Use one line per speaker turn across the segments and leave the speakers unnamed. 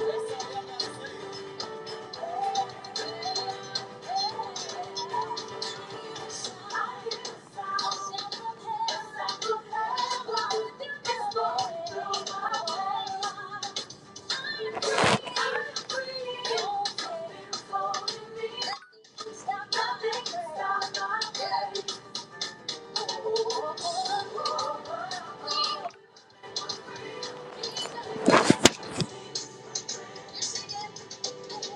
Stop my day. Freedom.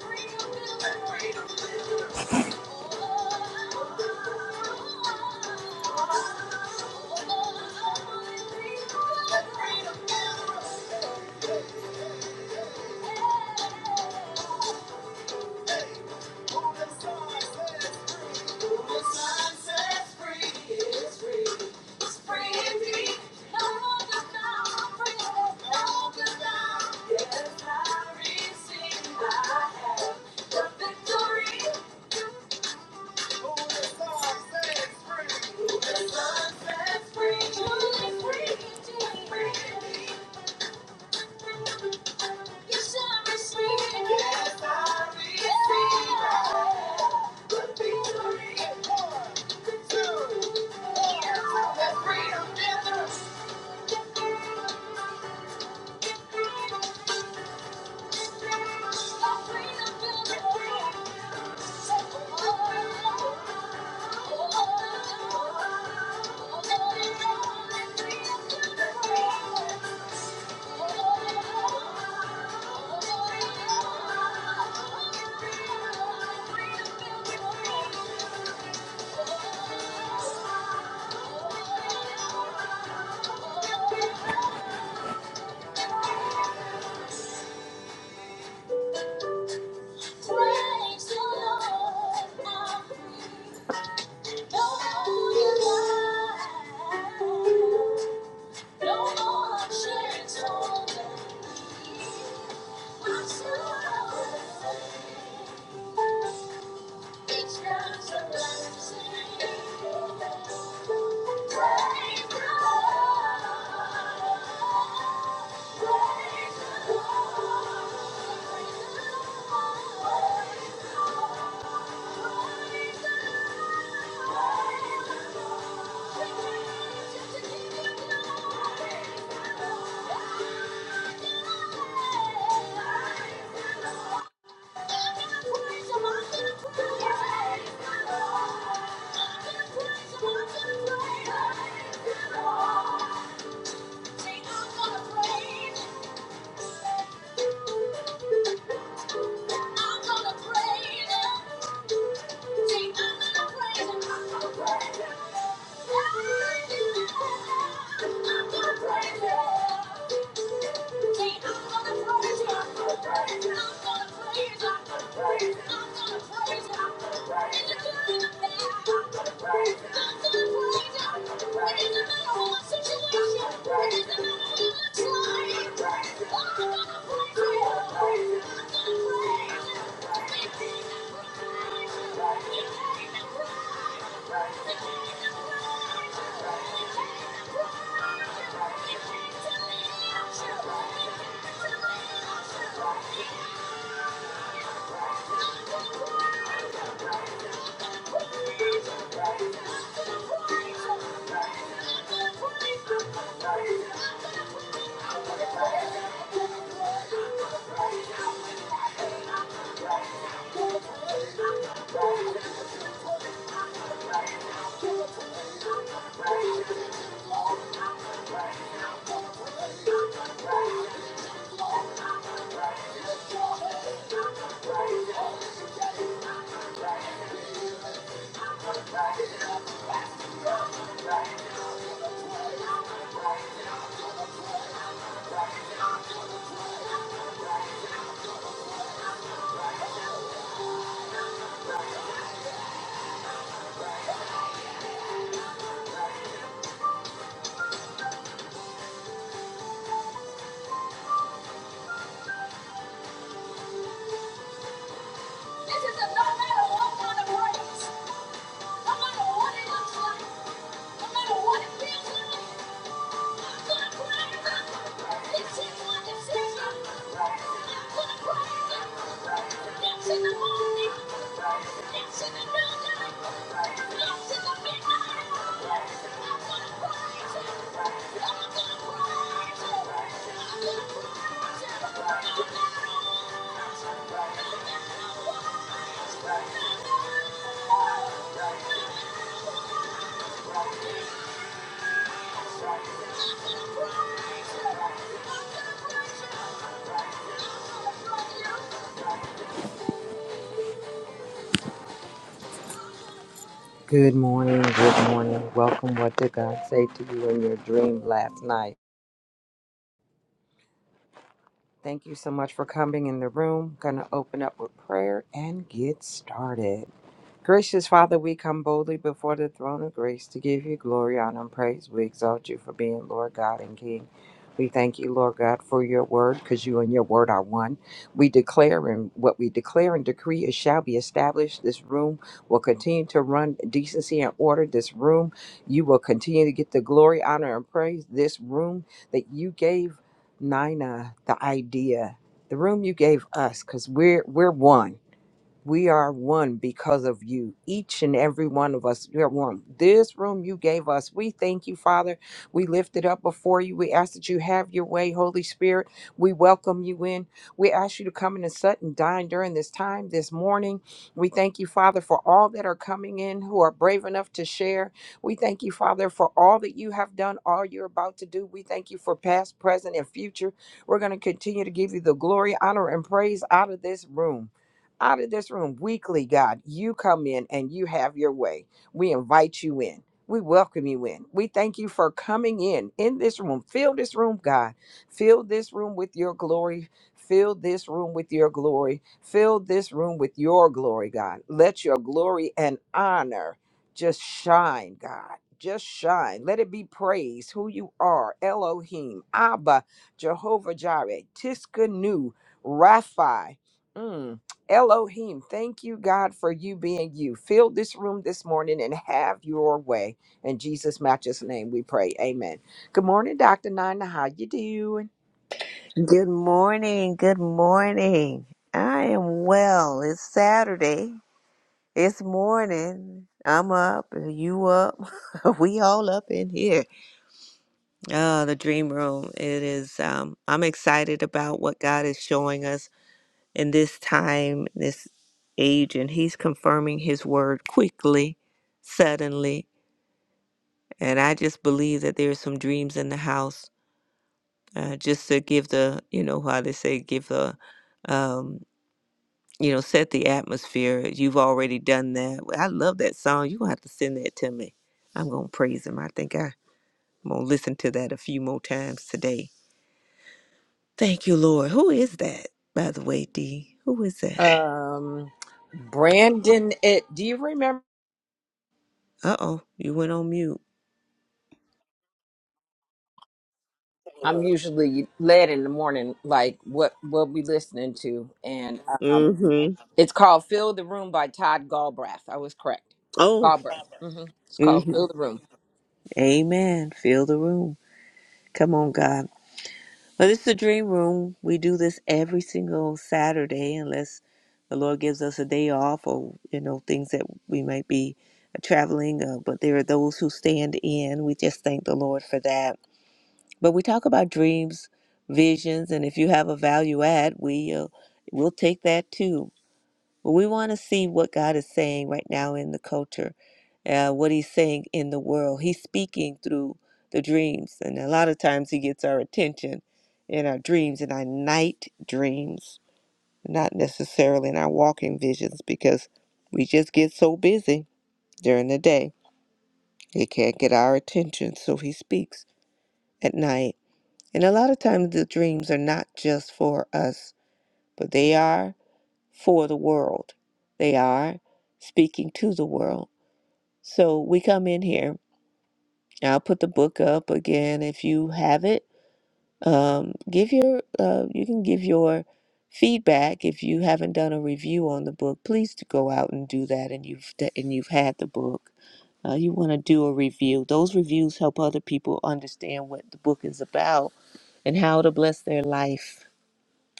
freedom, freedom. Yes, I receive. I have the victory. Oh, Thank you. Thank you. I'm gonna pray. I'm gonna Thank you. Thank you. This is another matter of one kind of the words. No matter what it looks like, no matter what it feels like, I'm gonna praise It seems like a season. I'm gonna praise him. Dance in the morning. Dance in the noonday. Dance in the midnight. I'm gonna praise him. I'm gonna praise him. I'm gonna praise him. No matter what, no matter what. No matter what. Good morning, good morning. Welcome. What did God say to you in your dream last night? Thank you so much for coming in the room. Gonna open up with prayer and get started. Gracious Father, we come boldly before the throne of grace to give you glory, honor, and praise. We exalt you for being Lord God and King. We thank you, Lord God, for your word, because you and your word are one. We declare and what we declare and decree, it shall be established. This room will continue to run decency and order. This room, you will continue to get the glory, honor, and praise. This room that you gave Nina the idea, the room you gave us, because we're we're one we are one because of you. Each and every one of us, we are one. This room you gave us, we thank you, Father. We lift it up before you. We ask that you have your way, Holy Spirit. We welcome you in. We ask you to come in and sit and dine during this time, this morning. We thank you, Father, for all that are coming in who are brave enough to share. We thank you, Father, for all that you have done, all you're about to do. We thank you for past, present, and future. We're going to continue to give you the glory, honor, and praise out of this room out of this room weekly, God. You come in and you have your way. We invite you in. We welcome you in. We thank you for coming in in this room. Fill this room, God. Fill this room with your glory. Fill this room with your glory. Fill this room with your glory, God. Let your glory and honor just shine, God. Just shine. Let it be praised who you are Elohim, Abba, Jehovah Jireh, Tiskanu, Raphi. Elohim, thank you, God, for you being you. Fill this room this morning and have your way. In Jesus' matchless name we pray. Amen. Good morning, Dr. Nina. How you doing?
Good morning. Good morning. I am well. It's Saturday. It's morning. I'm up. You up? we all up in here. Uh, the dream room. It is. Um, I'm excited about what God is showing us in this time, this age, and He's confirming His word quickly, suddenly. And I just believe that there's some dreams in the house. Uh, just to give the, you know, how they say, give the. um, you know, set the atmosphere. You've already done that. Well, I love that song. You're going to have to send that to me. I'm going to praise him. I think I- I'm going to listen to that a few more times today. Thank you, Lord. Who is that, by the way, D? Who is that?
Um, Brandon, it, do you remember?
Uh oh, you went on mute.
I'm usually led in the morning, like what what we listening to, and um,
Mm hmm.
it's called "Fill the Room" by Todd Galbraith. I was correct.
Oh,
Galbraith. hmm It's
mm
called
hmm.
"Fill the Room."
Amen. Fill the room. Come on, God. But this is the dream room. We do this every single Saturday, unless the Lord gives us a day off or you know things that we might be traveling. Uh, but there are those who stand in. We just thank the Lord for that. But we talk about dreams, visions, and if you have a value add, we uh, we'll take that too. But we want to see what God is saying right now in the culture, uh, what He's saying in the world. He's speaking through the dreams, and a lot of times He gets our attention in our dreams, in our night dreams, not necessarily in our walking visions, because we just get so busy during the day. He can't get our attention, so He speaks at night. And a lot of times the dreams are not just for us, but they are. for the world. They are speaking to the world. So we come in here. I'll put the book up again if you have it. Um, give your uh, you can give your feedback if you haven't done a review on the book. Please to go out and do that. And you've and you've had the book. Uh, you want to do a review. Those reviews help other people understand what the book is about and how to bless their life.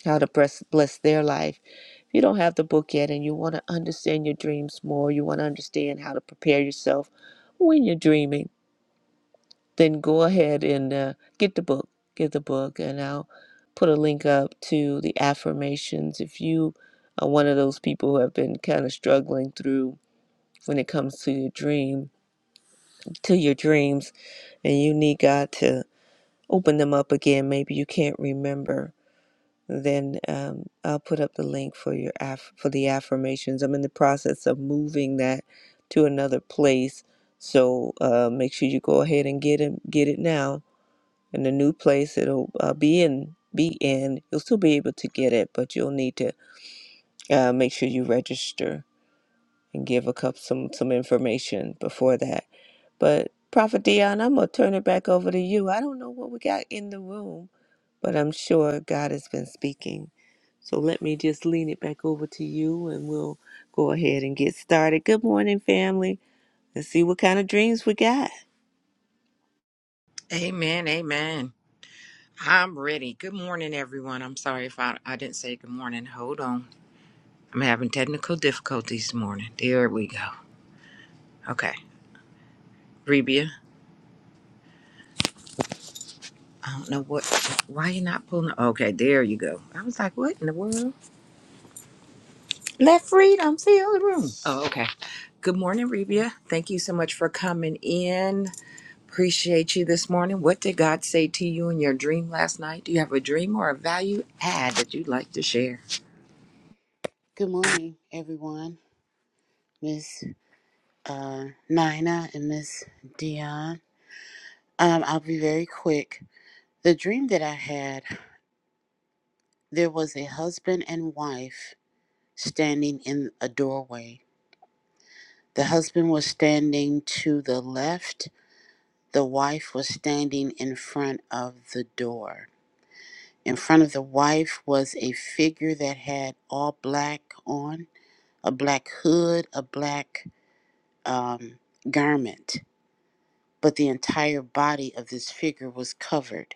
How to bless bless their life if you don't have the book yet and you want to understand your dreams more, you want to understand how to prepare yourself when you're dreaming, then go ahead and uh, get the book. Get the book, and I'll put a link up to the affirmations. If you are one of those people who have been kind of struggling through when it comes to your dream, to your dreams, and you need God to open them up again, maybe you can't remember then um, I'll put up the link for your aff- for the affirmations. I'm in the process of moving that to another place, so uh, make sure you go ahead and get it get it now in the new place. It'll uh, be in be in. You'll still be able to get it, but you'll need to uh, make sure you register and give a couple some some information before that. But Prophet Dion, I'm gonna turn it back over to you. I don't know what we got in the room, but I'm sure God has been speaking. So let me just lean it back over to you and we'll go ahead and get started. Good morning, family. Let's see what kind of dreams we got.
Amen. Amen. I'm ready. Good morning, everyone. I'm sorry if I, I didn't say good morning. Hold on. I'm having technical difficulties this morning. There we go. Okay. Rebia, I don't know what, why you are not pulling? Okay, there you go. I was like, what in the world? Oh, okay. Good morning, Rebia. Thank you so much for coming in. Appreciate you this morning. What did God say to you in your dream last night? Do you have a dream or a value add that you'd like to share?
Good morning, everyone. Miss uh, Nina and Miss Dion. Um, I'll be very quick. The dream that I had, there was a husband and wife standing in a doorway. The husband was standing to the left. The wife was standing in front of the door. In front of the wife was a figure that had all black on, a black hood, a black um, garment but the entire body of this figure was covered.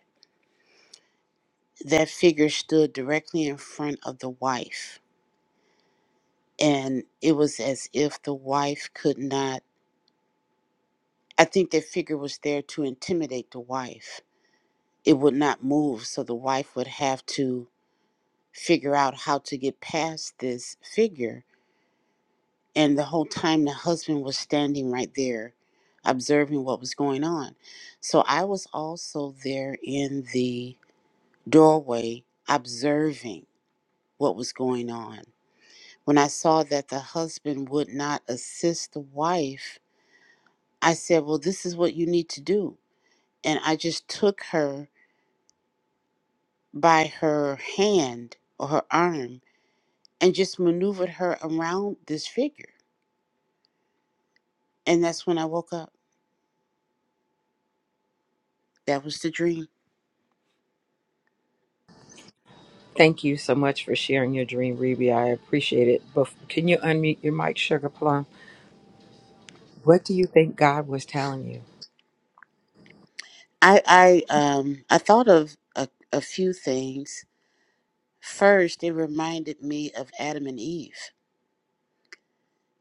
That figure stood directly in front of the wife, and it was as if the wife could not. I think that figure was there to intimidate the wife. It would not move, so the wife would have to figure out how to get past this figure. And the whole time, the husband was standing right there, observing what was going on. So I was also there in the doorway, observing what was going on. When I saw that the husband would not assist the wife, I said, Well, this is what you need to do. And I just took her by her hand or her arm and just maneuvered her around this figure. And that's when I woke up. That was the dream.
Thank you so much for sharing your dream, Reby. I appreciate it. But can you unmute your mic, Sugar Plum? What do you think God was telling you?
I, I um I thought of a, a few things. First, it reminded me of Adam and Eve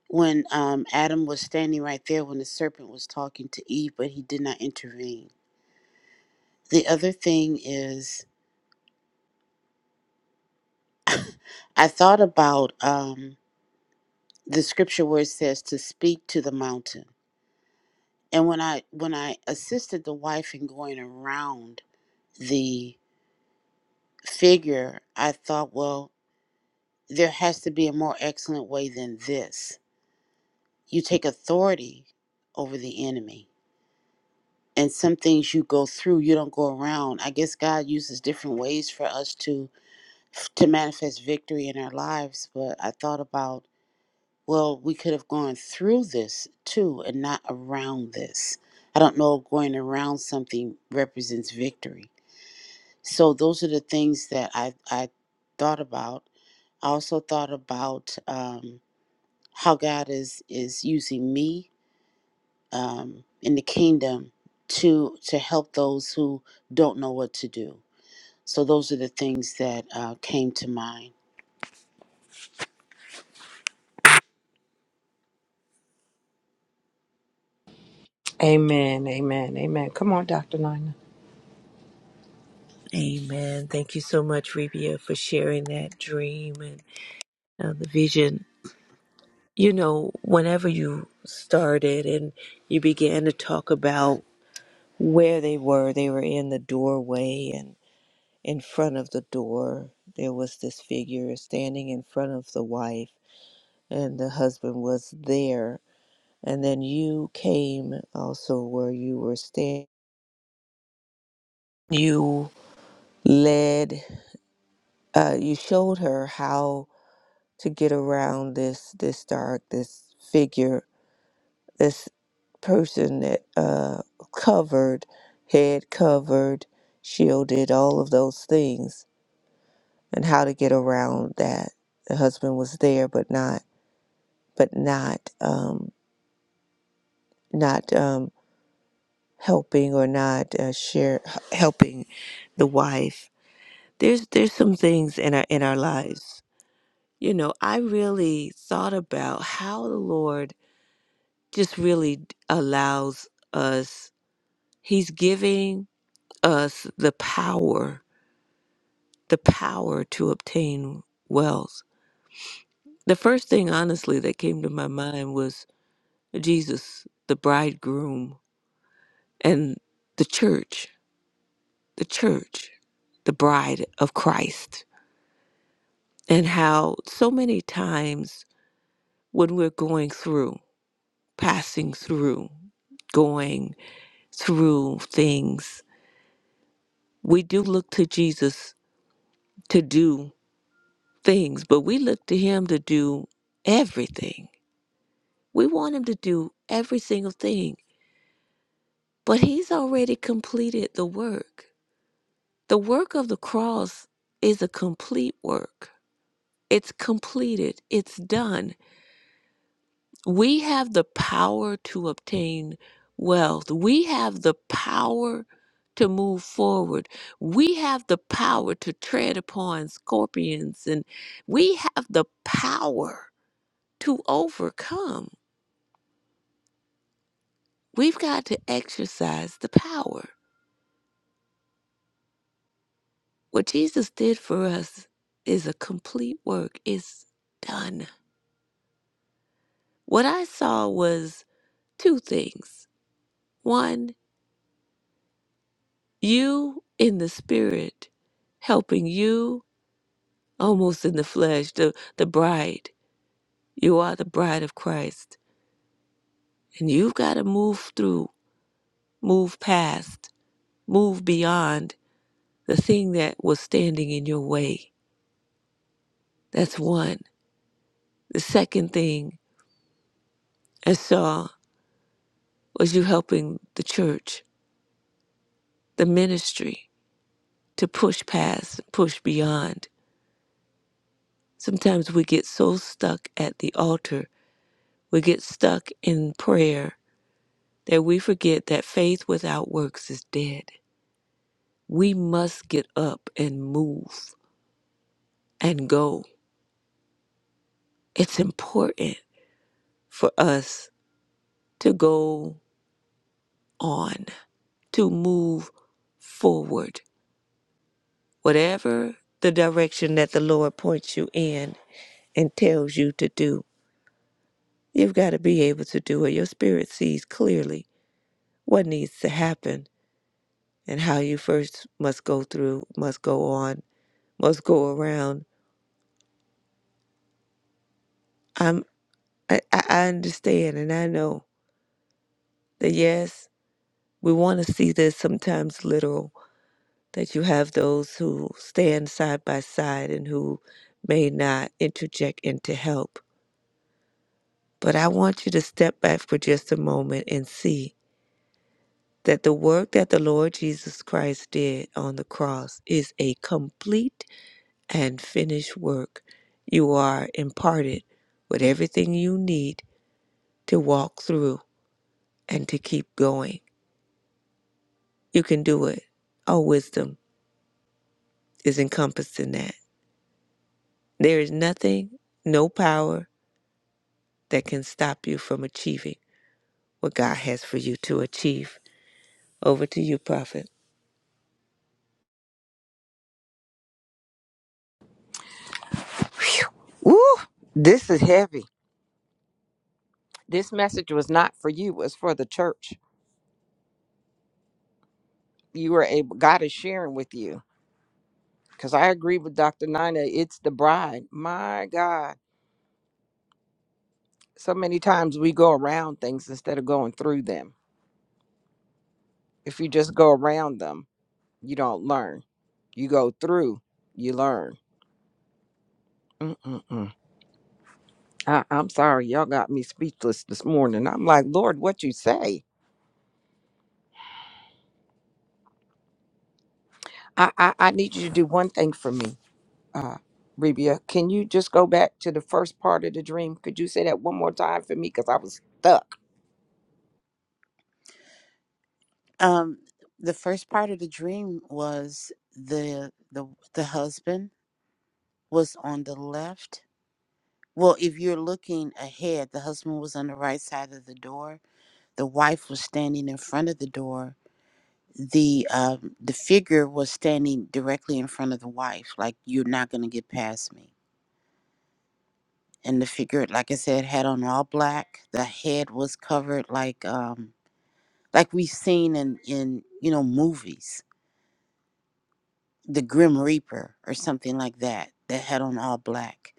when um, Adam was standing right there when the serpent was talking to Eve, but he did not intervene. The other thing is, I thought about um, the scripture where it says to speak to the mountain, and when I when I assisted the wife in going around the figure, I thought, well, there has to be a more excellent way than this. You take authority over the enemy and some things you go through you don't go around i guess god uses different ways for us to to manifest victory in our lives. But I thought about, well, we could have gone through this too and not around this. I don't know if going around something represents victory. So those are the things that I, I thought about. I also thought about um, how God is, is using me um, in the kingdom to to help those who don't know what to do. So those are the things that uh, came to mind.
Amen, amen, amen. Come on, Dr. Nina.
Amen. Thank you so much, Rebia, for sharing that dream and uh, the vision. You know, whenever you started and you began to talk about where they were, they were in the doorway in front of the door there was this figure standing in front of the wife and the husband was there and then you came also where you were standing you led uh, you showed her how to get around this this dark this figure this person that uh, covered head covered shielded all of those things and how to get around that the husband was there but not but not um, not um, helping or not uh, share helping the wife. There's there's some things in our in our lives. You know, I really thought about how the Lord just really allows us. He's giving us the power, the power to obtain wealth. The first thing, honestly, that came to my mind was Jesus, the bridegroom, and the church the church, the bride of Christ, and how so many times when we're going through, passing through, going through things, we do look to Jesus to do things, but we look to him to do everything. We want him to do every single thing, but he's already completed the work. The work of the cross is a complete work. It's completed. It's done. We have the power to obtain wealth. We have the power to move forward. We have the power to tread upon scorpions and we have the power to overcome. We've got to exercise the power. What Jesus did for us is a complete work. It's done. What I saw was two things. One, you in the spirit helping you almost in the flesh, the, the bride. You are the bride of Christ. And you've got to move through, move past, move beyond the thing that was standing in your way. That's one. The second thing I saw was you helping the church, the ministry, to push past, push beyond. Sometimes we get so stuck at the altar, we get stuck in prayer that we forget that faith without works is dead We must get up and move and go. It's important for us to go on, to move forward, whatever the direction that the Lord points you in and tells you to do. You've got to be able to do it. Your spirit sees clearly what needs to happen and how you first must go through, must go on, must go around. I'm, I, I I understand and I know that yes, We want to see this sometimes literal that you have those who stand side by side and who may not interject in to help. But I want you to step back for just a moment and see that the work that the Lord Jesus Christ did on the cross is a complete and finished work. You are imparted with everything you need to walk through and to keep going. You can do it. All wisdom is encompassed in that. There is nothing, no power that can stop you from achieving what God has for you to achieve. Over to you, Prophet.
Woo! This is heavy. This message was not for you, it was for the church. You were able, God is sharing with you. Because I agree with Dr. Nina, it's the bride. My God. So many times we go around things instead of going through them. If you just go around them, you don't learn. You go through, you learn. Mm-mm-mm. I, I'm sorry, y'all got me speechless this morning. I'm like, Lord, what you say? I, I, I need you to do one thing for me, uh, Rebia. Can you just go back to the first part of the dream? Could you say that one more time for me? Because I was stuck.
Um, the first part of the dream was the the the husband was on the left. Well, if you're looking ahead, the husband was on the right side of the door. The wife was standing in front of the door. The um, the figure was standing directly in front of the wife, like you're not gonna get past me. And the figure, like I said, had on all black. The head was covered like um like we've seen in in you know movies the Grim Reaper or something like that, that had on all black.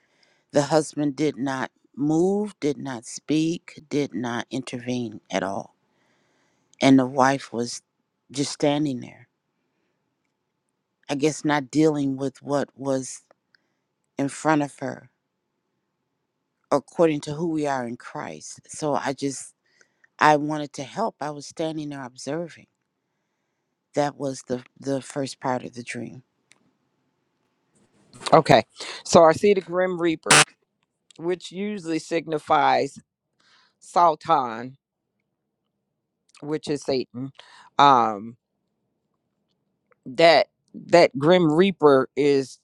The husband did not move, did not speak, did not intervene at all. And the wife was just standing there, I guess not dealing with what was in front of her, according to who we are in Christ. So I just, I wanted to help. I was standing there observing. That was the, the first part of the dream.
Okay. So I see the Grim Reaper, which usually signifies Sultan, which is Satan. Um, that that Grim Reaper is,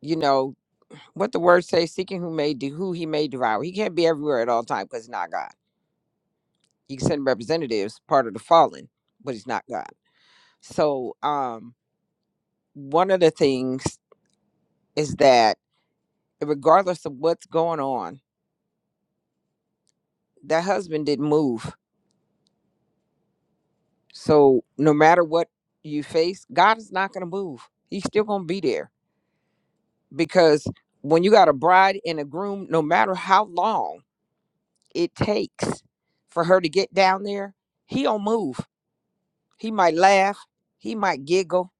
you know, what the word says, seeking who may do who he may devour. He can't be everywhere at all time because he's not God. He can send representatives, part of the fallen, but he's not God. So um one of the things is that regardless of what's going on, that husband didn't move. So no matter what you face, God is not gonna move. He's still gonna be there. Because when you got a bride and a groom, no matter how long it takes for her to get down there, he don't move He might laugh. He might giggle.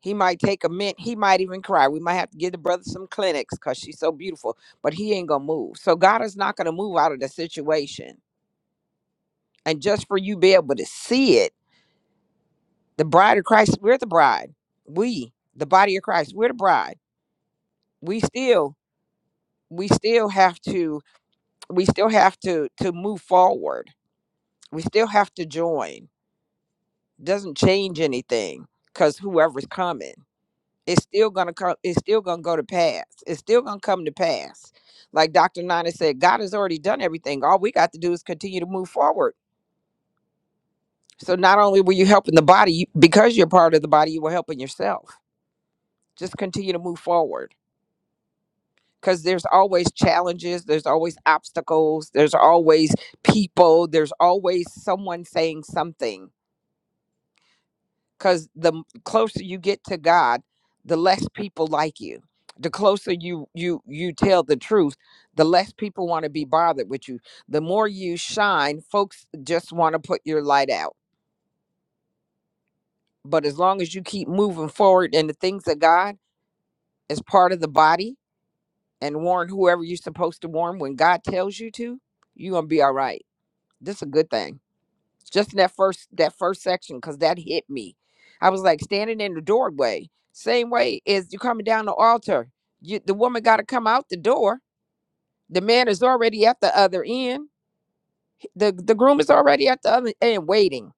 He might take a mint. He might even cry. We might have to give the brother some clinics because she's so beautiful, but he ain't going to move. So God is not going to move out of the situation. And just for you be able to see it, the bride of Christ, we're the bride. We, the body of Christ, we're the bride. We still, we still have to, we still have to, to move forward. We still have to join. Doesn't change anything because whoever's coming. it's still gonna come it's still gonna go to pass it's still gonna come to pass like dr nana said god has already done everything all we got to do is continue to move forward so not only were you helping the body you, because you're part of the body you were helping yourself just continue to move forward because there's always challenges there's always obstacles there's always people there's always someone saying something because the closer you get to god the less people like you the closer you you you tell the truth the less people want to be bothered with you the more you shine folks just want to put your light out but as long as you keep moving forward in the things of god as part of the body and warn whoever you're supposed to warn when god tells you to you're gonna be all right this is a good thing just in that first that first section because that hit me i was like standing in the doorway same way as you coming down the altar you, the woman got to come out the door the man is already at the other end the, the groom is already at the other end waiting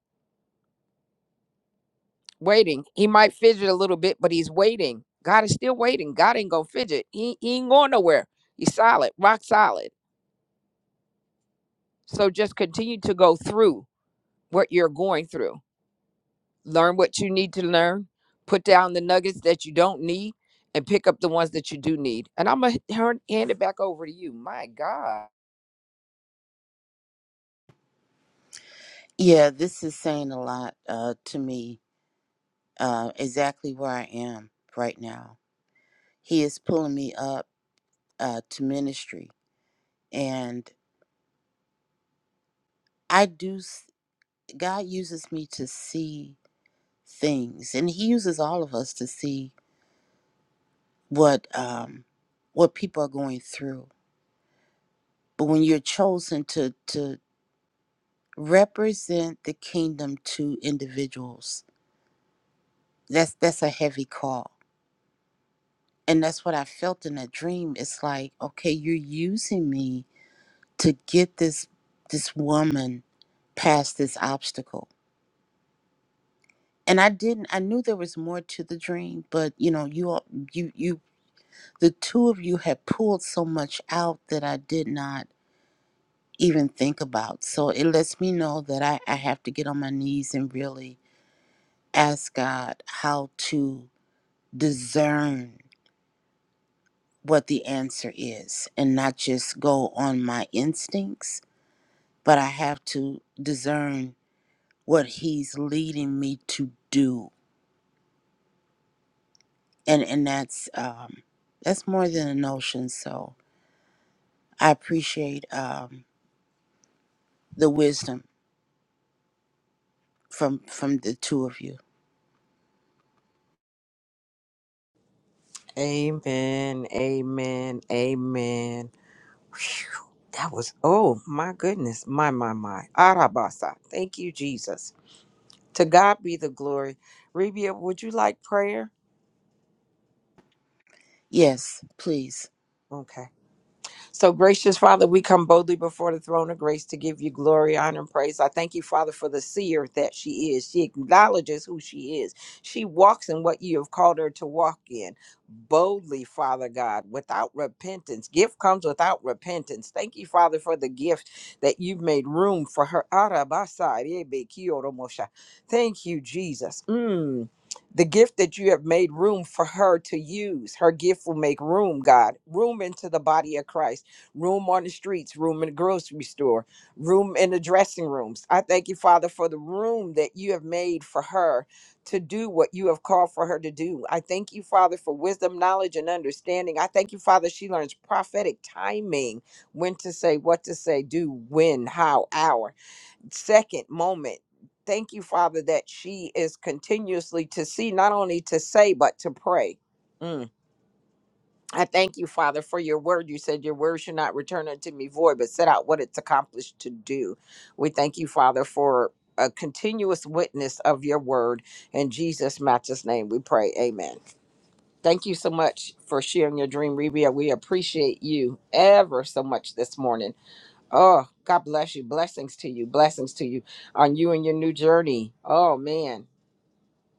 waiting he might fidget a little bit but he's waiting god is still waiting god ain't gonna fidget he, he ain't going nowhere he's solid rock solid so just continue to go through what you're going through learn what you need to learn, put down the nuggets that you don't need, and pick up the ones that you do need. And I'm going to hand it back over to you. My God.
Yeah, this is saying a lot uh, to me, uh, exactly where I am right now he is pulling me up uh, to ministry and i do s- god uses me to see things and he uses all of us to see what um what people are going through but when you're chosen to to represent the kingdom to individuals that's that's a heavy call and that's what i felt in that dream it's like okay you're using me to get this this woman past this obstacle and I didn't I knew there was more to the dream, but you know, you all you you the two of you had pulled so much out that I did not even think about. So it lets me know that I, I have to get on my knees and really ask God how to discern what the answer is and not just go on my instincts, but I have to discern what he's leading me to do. And and that's um that's more than a notion. So I appreciate um, the wisdom from from the two of you.
Amen. Amen. Amen. Phew, that was, oh my goodness. My, my, my. Arabasa. Thank you, Jesus. To God be the glory. Rebia, would you like prayer?
Yes, please.
Okay. So, gracious Father, we come boldly before the throne of grace to give you glory, honor, and praise. I thank you, Father, for the seer that she is. She acknowledges who she is. She walks in what you have called her to walk in boldly, Father God, without repentance. Gift comes without repentance. Thank you, Father, for the gift that you've made room for her. Arabasai, Ebe, Kiyoromosha. Thank you, Jesus. Mm. The gift that you have made room for her to use. Her gift will make room, God, room into the body of Christ room on the streets, room in the grocery store, room in the dressing rooms. I thank you, Father, for the room that you have made for her to do what you have called for her to do. I thank you, Father, for wisdom, knowledge, and understanding. I thank you, Father, she learns prophetic timing when to say, what to say, do, when, how, hour, second, moment. Thank you, Father, that she is continuously to see, not only to say, but to pray. Mm. I thank you, Father, for your word. You said your word should not return unto me void, but set out what it's accomplished to do. We thank you, Father, for a continuous witness of your word. In Jesus' matchless name, we pray. Amen. Thank you so much for sharing your dream, Rebia. We appreciate you ever so much this morning. Oh, God bless you. Blessings to you. Blessings to you on you and your new journey. Oh, man.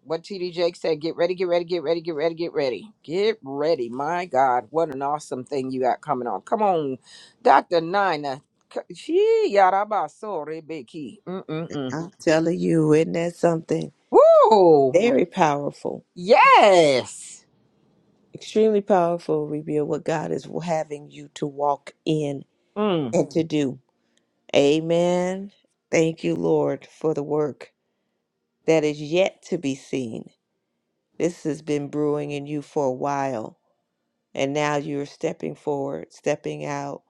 What TD Jake said, get ready, get ready, get ready, get ready, get ready. Get ready. My God, what an awesome thing you got coming on. Come on, Dr. Nina. C- She yarabasore Becky. Mm-mm-mm.
I'm telling you, isn't that something
Woo!
very powerful?
Yes.
Extremely powerful reveal what God is having you to walk in
Mm.
and to do. Amen. Thank you, Lord, for the work that is yet to be seen. This has been brewing in you for a while And now you're stepping forward, stepping out,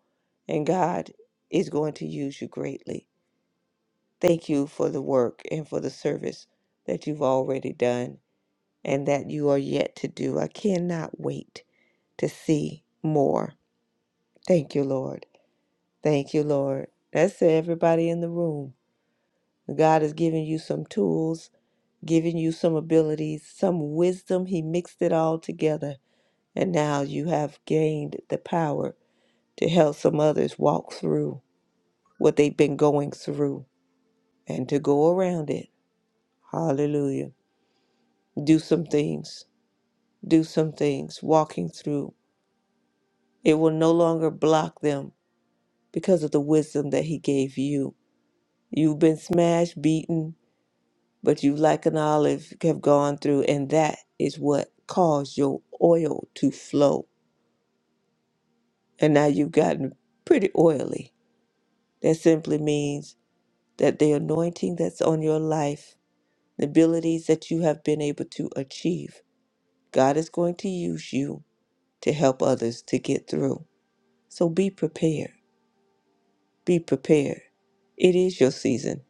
and God is going to use you greatly. Thank you for the work and for the service that you've already done and that you are yet to do. I cannot wait to see more. Thank you, Lord. Thank you, Lord. That's everybody in the room. God has given you some tools, given you some abilities, some wisdom. He mixed it all together. And now you have gained the power to help some others walk through what they've been going through and to go around it. Hallelujah. Do some things. Do some things. Walking through. It will no longer block them because of the wisdom that He gave you. You've been smashed, beaten, but you, like an olive, have gone through, and that is what caused your oil to flow. And now you've gotten pretty oily. That simply means that the anointing that's on your life the abilities that you have been able to achieve. God is going to use you to help others to get through. So be prepared. Be prepared. It is your season.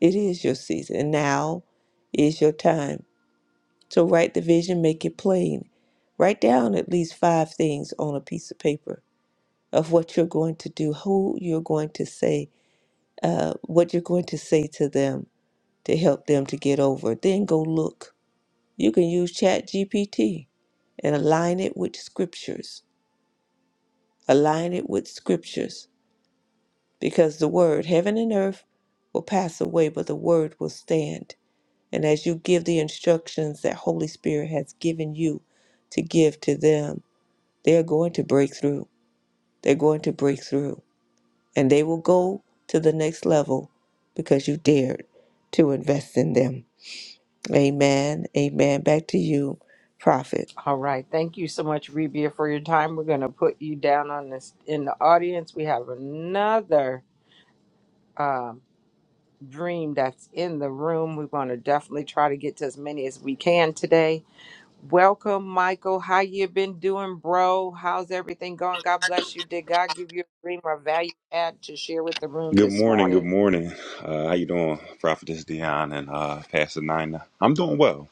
It is your season. And now is your time. So write the vision, make it plain. Write down at least five things on a piece of paper of what you're going to do, who you're going to say, uh, what you're going to say to them to help them to get over. Then go look You can use Chat GPT and align it with scriptures. Align it with scriptures because the word, heaven and earth, will pass away, but the word will stand. And as you give the instructions that Holy Spirit has given you to give to them, they're going to break through. They're going to break through. And they will go to the next level because you dared to invest in them. Amen. Amen. Back to you, prophet.
All right. Thank you so much, Rebia, for your time. We're gonna put you down on this in the audience. We have another um dream that's in the room. We're gonna definitely try to get to as many as we can today. Welcome, Michael. How you been doing, bro? How's everything going? God bless you. Did God give you a dream or value add to share with the room
Good
this
morning. Good
morning?
morning. Uh, how you doing, Prophetess Dion and uh, Pastor Nina? I'm doing well.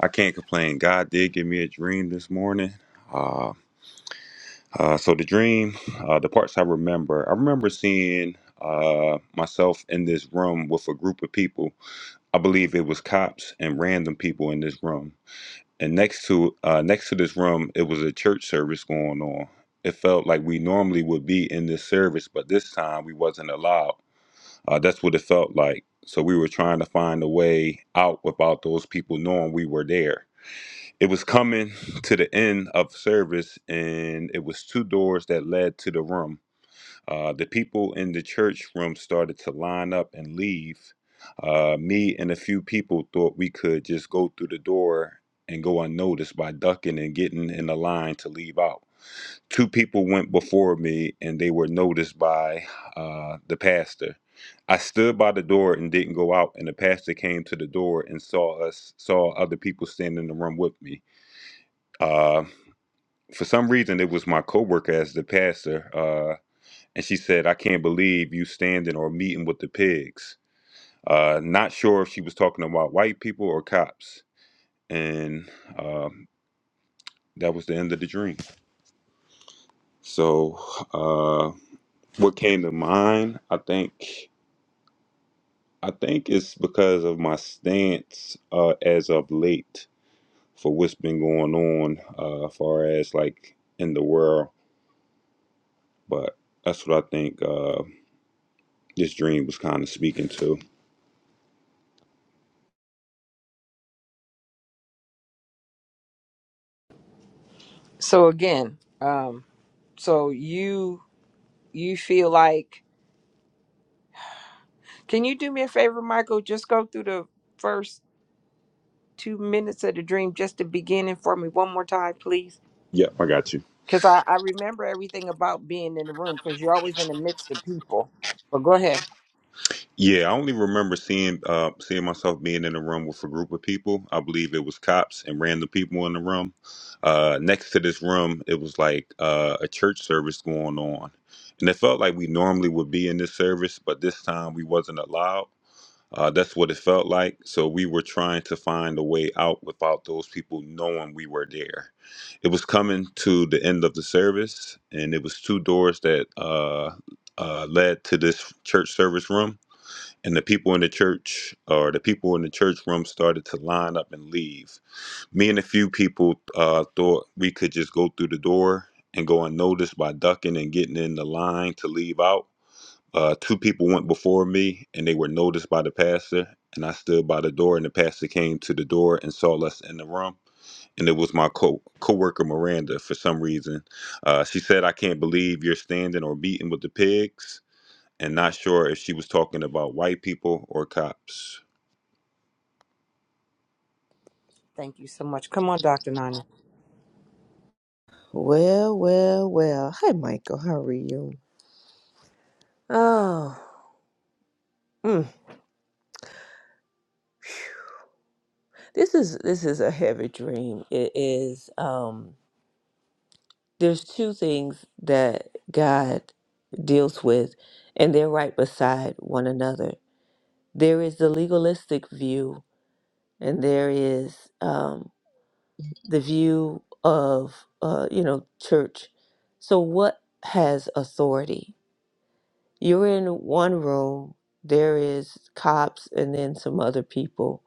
I can't complain. God did give me a dream this morning. Uh, uh, so the dream, uh, the parts I remember, I remember seeing uh, myself in this room with a group of people. I believe it was cops and random people in this room. And next to uh, next to this room, it was a church service going on. It felt like we normally would be in this service, but this time we wasn't allowed uh, that's what it felt like. So we were trying to find a way out without those people knowing we were there. It was coming to the end of service, and it was two doors that led to the room. Uh, the people in the church room started to line up and leave. Uh, me and a few people thought we could just go through the door and go unnoticed by ducking and getting in the line to leave out two people went before me and they were noticed by uh, the pastor. I stood by the door and didn't go out, and the pastor came to the door and saw us, saw other people standing in the room with me. Uh, for some reason, it was my coworker as the pastor, uh, and she said, "I can't believe you standing or meeting with the pigs." Uh, not sure if she was talking about white people or cops, and um, that was the end of the dream. So, uh, what came to mind? I think I think it's because of my stance uh, as of late for what's been going on, uh, as far as like in the world. But that's what I think uh, this dream was kind of speaking to.
So again, um, so you you feel like can you do me a favor, Michael? Just go through the first two minutes of the dream just the beginning for me one more time, please.
Yep, I got you.
Because I, I remember everything about being in the room because you're always in the midst of people. But go ahead.
Yeah, I only remember seeing uh, seeing myself being in a room with a group of people. I believe it was cops and random people in the room. Uh, next to this room, it was like uh, a church service going on, and it felt like we normally would be in this service, but this time we wasn't allowed Uh, that's what it felt like. So we were trying to find a way out without those people knowing we were there. It was coming to the end of the service, and it was two doors that uh, uh, led to this church service room. And the people in the church, or the people in the church room, started to line up and leave. Me and a few people uh, thought we could just go through the door and go unnoticed by ducking and getting in the line to leave out uh, two people went before me, and they were noticed by the pastor. And I stood by the door, and the pastor came to the door and saw us in the room. And it was my co coworker Miranda. For some reason, uh, she said, "I can't believe you're standing or meeting with the pigs." And not sure if she was talking about white people or cops.
Thank you so much. Come on, Dr. Nina.
Well, well, well. Hi, Michael. How are you? Oh, mm. this is this is a heavy dream. It is. Um, there's two things that God deals with, and they're right beside one another. There is the legalistic view, and there is um, the view of uh, you know church. So, what has authority? You're in one room, there is cops and then some other people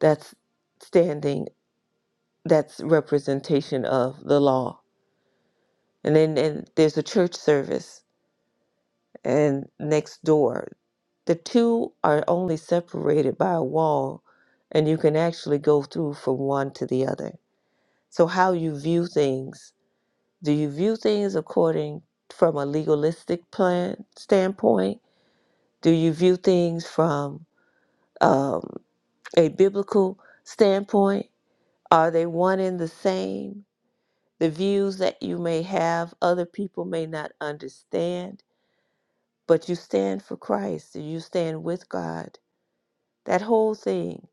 that's standing, that's representation of the law. And then and there's a church service and next door. The two are only separated by a wall and you can actually go through from one to the other. So how you view things, do you view things according from a legalistic plan standpoint? Do you view things from um, a biblical standpoint? Are they one and the same? The views that you may have, other people may not understand, but you stand for Christ and you stand with God. That whole thing.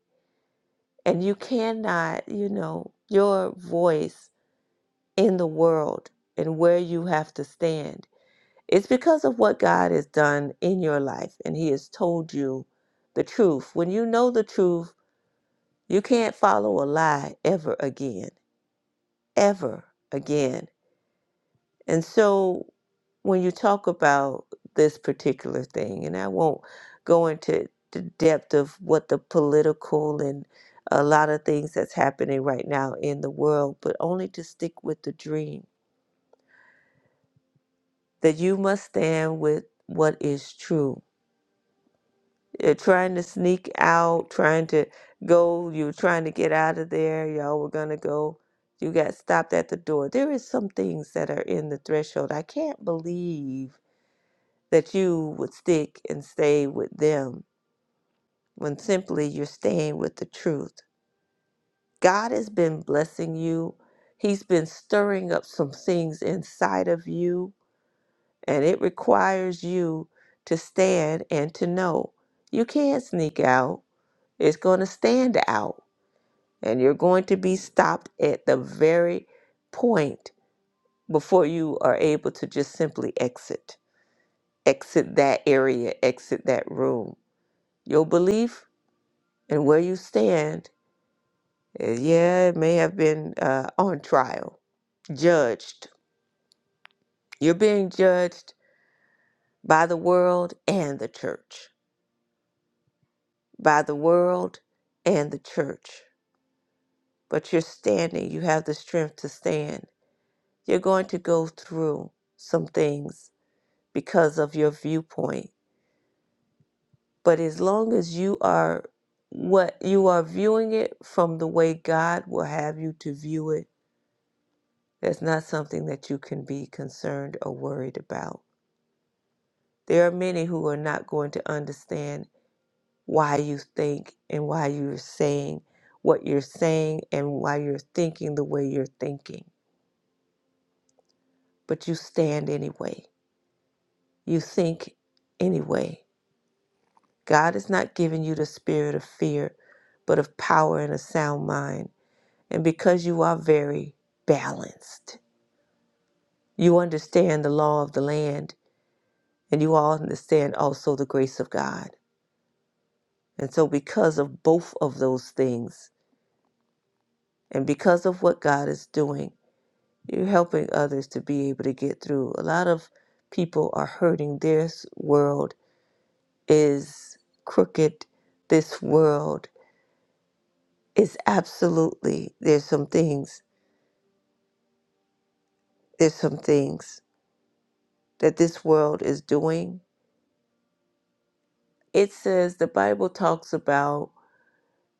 And you cannot, you know, your voice in the world and where you have to stand. It's because of what God has done in your life and He has told you the truth. When you know the truth, you can't follow a lie ever again ever again. And so when you talk about this particular thing, and I won't go into the depth of what the political and a lot of things that's happening right now in the world, but only to stick with the dream that you must stand with what is true You're trying to sneak out, trying to go, you were trying to get out of there, y'all were gonna go. You got stopped at the door. There is some things that are in the threshold. I can't believe that you would stick and stay with them when simply you're staying with the truth. God has been blessing you. He's been stirring up some things inside of you, and it requires you to stand and to know. You can't sneak out. It's going to stand out, and you're going to be stopped at the very point before you are able to just simply exit. Exit that area, exit that room. Your belief and where you stand, eh, yeah, it may have been uh, on trial, judged. You're being judged by the world and the church, by the world and the church. But you're standing, you have the strength to stand You're going to go through some things because of your viewpoint. But as long as you are what you are viewing it from the way God will have you to view it, that's not something that you can be concerned or worried about. There are many who are not going to understand why you think and why you're saying what you're saying and why you're thinking the way you're thinking. But you stand anyway. You think anyway God has not given you the spirit of fear, but of power and a sound mind. And because you are very balanced, you understand the law of the land, and you all understand also the grace of God. And so, because of both of those things, and because of what God is doing, you're helping others to be able to get through. A lot of people are hurting. This world is crooked. This world is absolutely, there's some things there's some things that this world is doing. It says the Bible talks about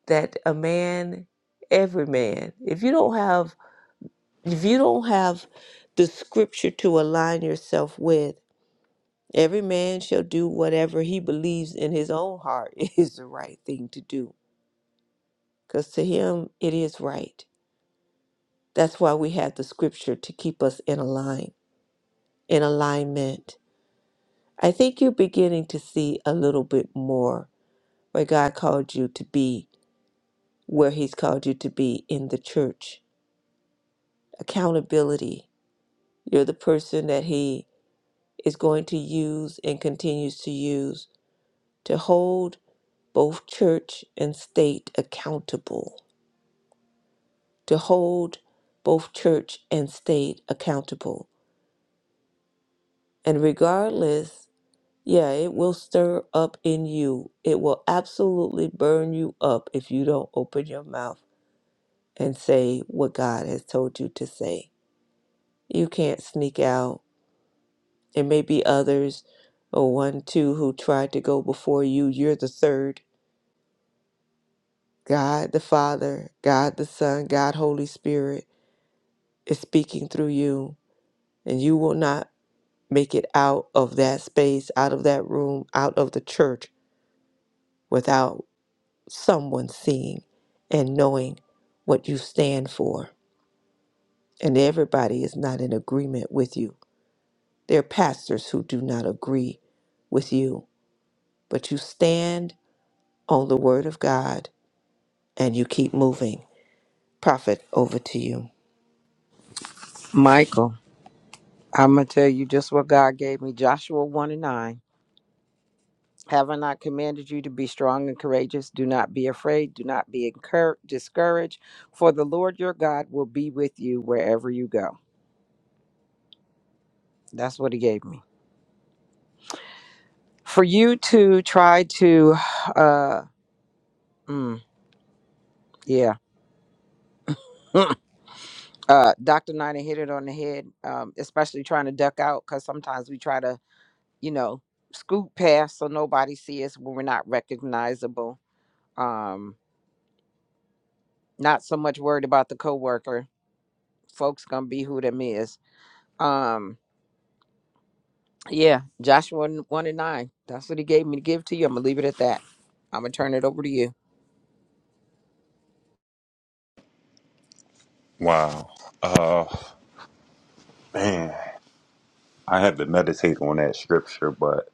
that a man, every man, if you don't have if you don't have the scripture to align yourself with, every man shall do whatever he believes in his own heart is the right thing to do. Because to him it is right. That's why we have the scripture to keep us in a line, in alignment. I think you're beginning to see a little bit more where God called you to be, where He's called you to be in the church. Accountability. You're the person that He is going to use and continues to use to hold both church and state accountable, to hold both church and state accountable. And regardless, yeah, it will stir up in you. It will absolutely burn you up if you don't open your mouth and say what God has told you to say. You can't sneak out. It may be others or one, two who tried to go before you. You're the third. God the Father, God the Son, God Holy Spirit is speaking through you, and you will not make it out of that space, out of that room, out of the church without someone seeing and knowing what you stand for. And everybody is not in agreement with you. There are pastors who do not agree with you, but you stand on the Word of God and you keep moving. Prophet, over to you.
Michael. I'm going to tell you just what God gave me Joshua 1 and 9. Have I not commanded you to be strong and courageous? Do not be afraid. Do not be incur- discouraged, for the Lord your God will be with you wherever you go. That's what he gave me. For you to try to, uh, mm, yeah. uh, Dr. Nina hit it on the head, um, especially trying to duck out because sometimes we try to, you know, scoot past so nobody see us when we're not recognizable. Um, Not so much worried about the coworker. Folks gonna be who them is. Um, yeah, Joshua one one and nine. That's what he gave me to give to you. I'm gonna leave it at that. I'm gonna turn it over to you.
Wow, uh, man, I have to meditate on that scripture, but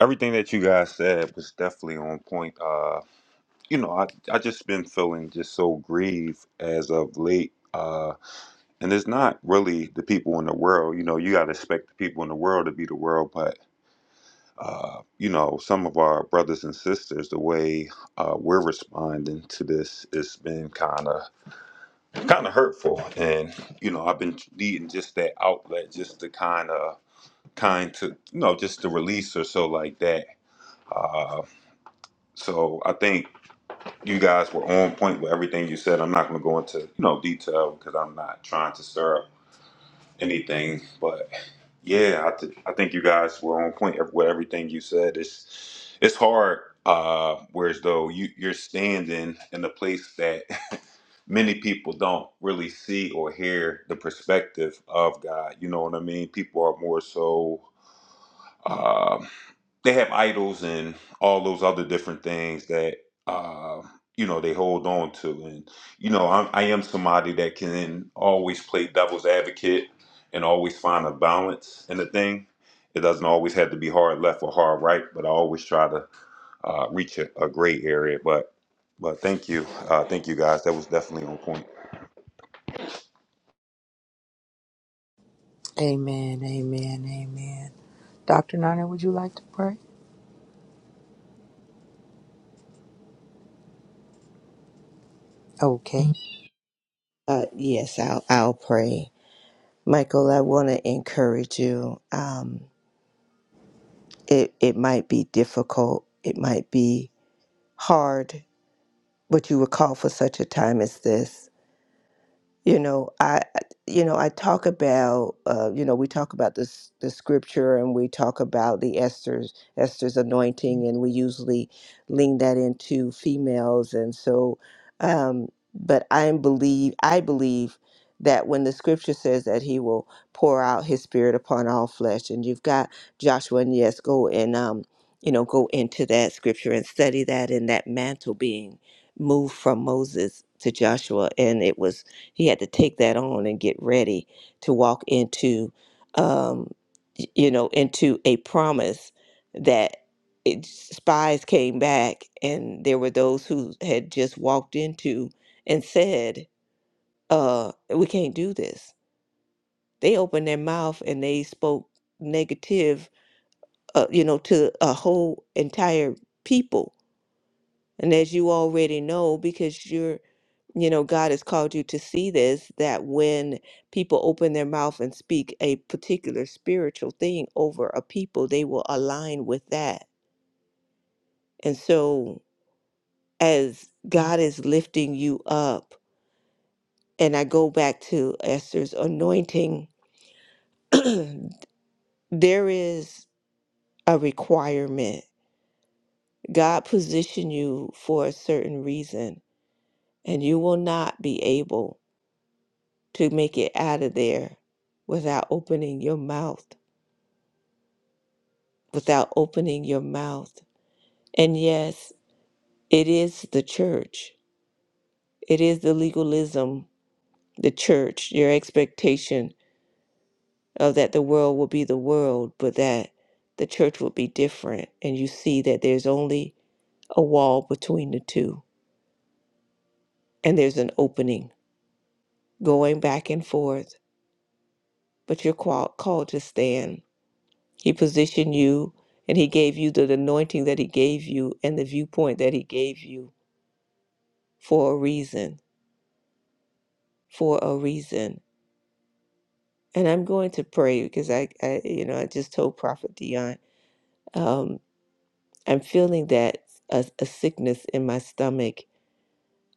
everything that you guys said was definitely on point. Uh, you know, I I just been feeling just so grieved as of late. Uh, and it's not really the people in the world. You know, you gotta expect the people in the world to be the world, but uh, you know, some of our brothers and sisters, the way uh, we're responding to this, it's been kind of kind of hurtful. And you know, I've been needing just that outlet, just to kind of kind to you know, just to release or so like that. Uh, so I think you guys were on point with everything you said. I'm not going to go into you know detail because I'm not trying to stir up anything. But yeah, I, th- I think you guys were on point with everything you said. It's it's hard. Uh, whereas though you you're standing in a place that many people don't really see or hear the perspective of God. You know what I mean? People are more so. Um, they have idols and all those other different things that uh, you know they hold on to and you know I'm, i am somebody that can always play devil's advocate and always find a balance in the thing it doesn't always have to be hard left or hard right but i always try to uh, reach a, a gray area but but thank you uh, thank you guys that was definitely on point
Amen, amen, amen. Dr. Nana, would you like to pray? Okay.
Uh, yes, I'll, I'll pray. Michael, I want to encourage you. Um, it, it might be difficult, it might be hard, but you were called for such a time as this. You know, I you know I talk about uh, you know we talk about this the scripture and we talk about the Esther's Esther's anointing and we usually lean that into females and so um, but I believe I believe that when the scripture says that he will pour out his spirit upon all flesh and you've got Joshua and yes go and um, you know go into that scripture and study that and that mantle being moved from Moses to Joshua and it was he had to take that on and get ready to walk into, um, you know, into a promise that it, spies came back and there were those who had just walked into and said, uh, "We can't do this." They opened their mouth and they spoke negative, uh, you know, to a whole entire people. And as you already know, because you're you know, God has called you to see this that when people open their mouth and speak a particular spiritual thing over a people, they will align with that. And so, as God is lifting you up, and I go back to Esther's anointing, there is a requirement. God positioned you for a certain reason, and you will not be able to make it out of there without opening your mouth without opening your mouth. And yes, it is the church. It is the legalism, the church, your expectation of that the world will be the world, but that the church will be different. And you see that there's only a wall between the two, and there's an opening going back and forth, but you're qual- called to stand. He positioned you, and He gave you the anointing that He gave you and the viewpoint that He gave you for a reason, for a reason And I'm going to pray because I, I you know, I just told Prophet Dion, um, I'm feeling that a, a sickness in my stomach.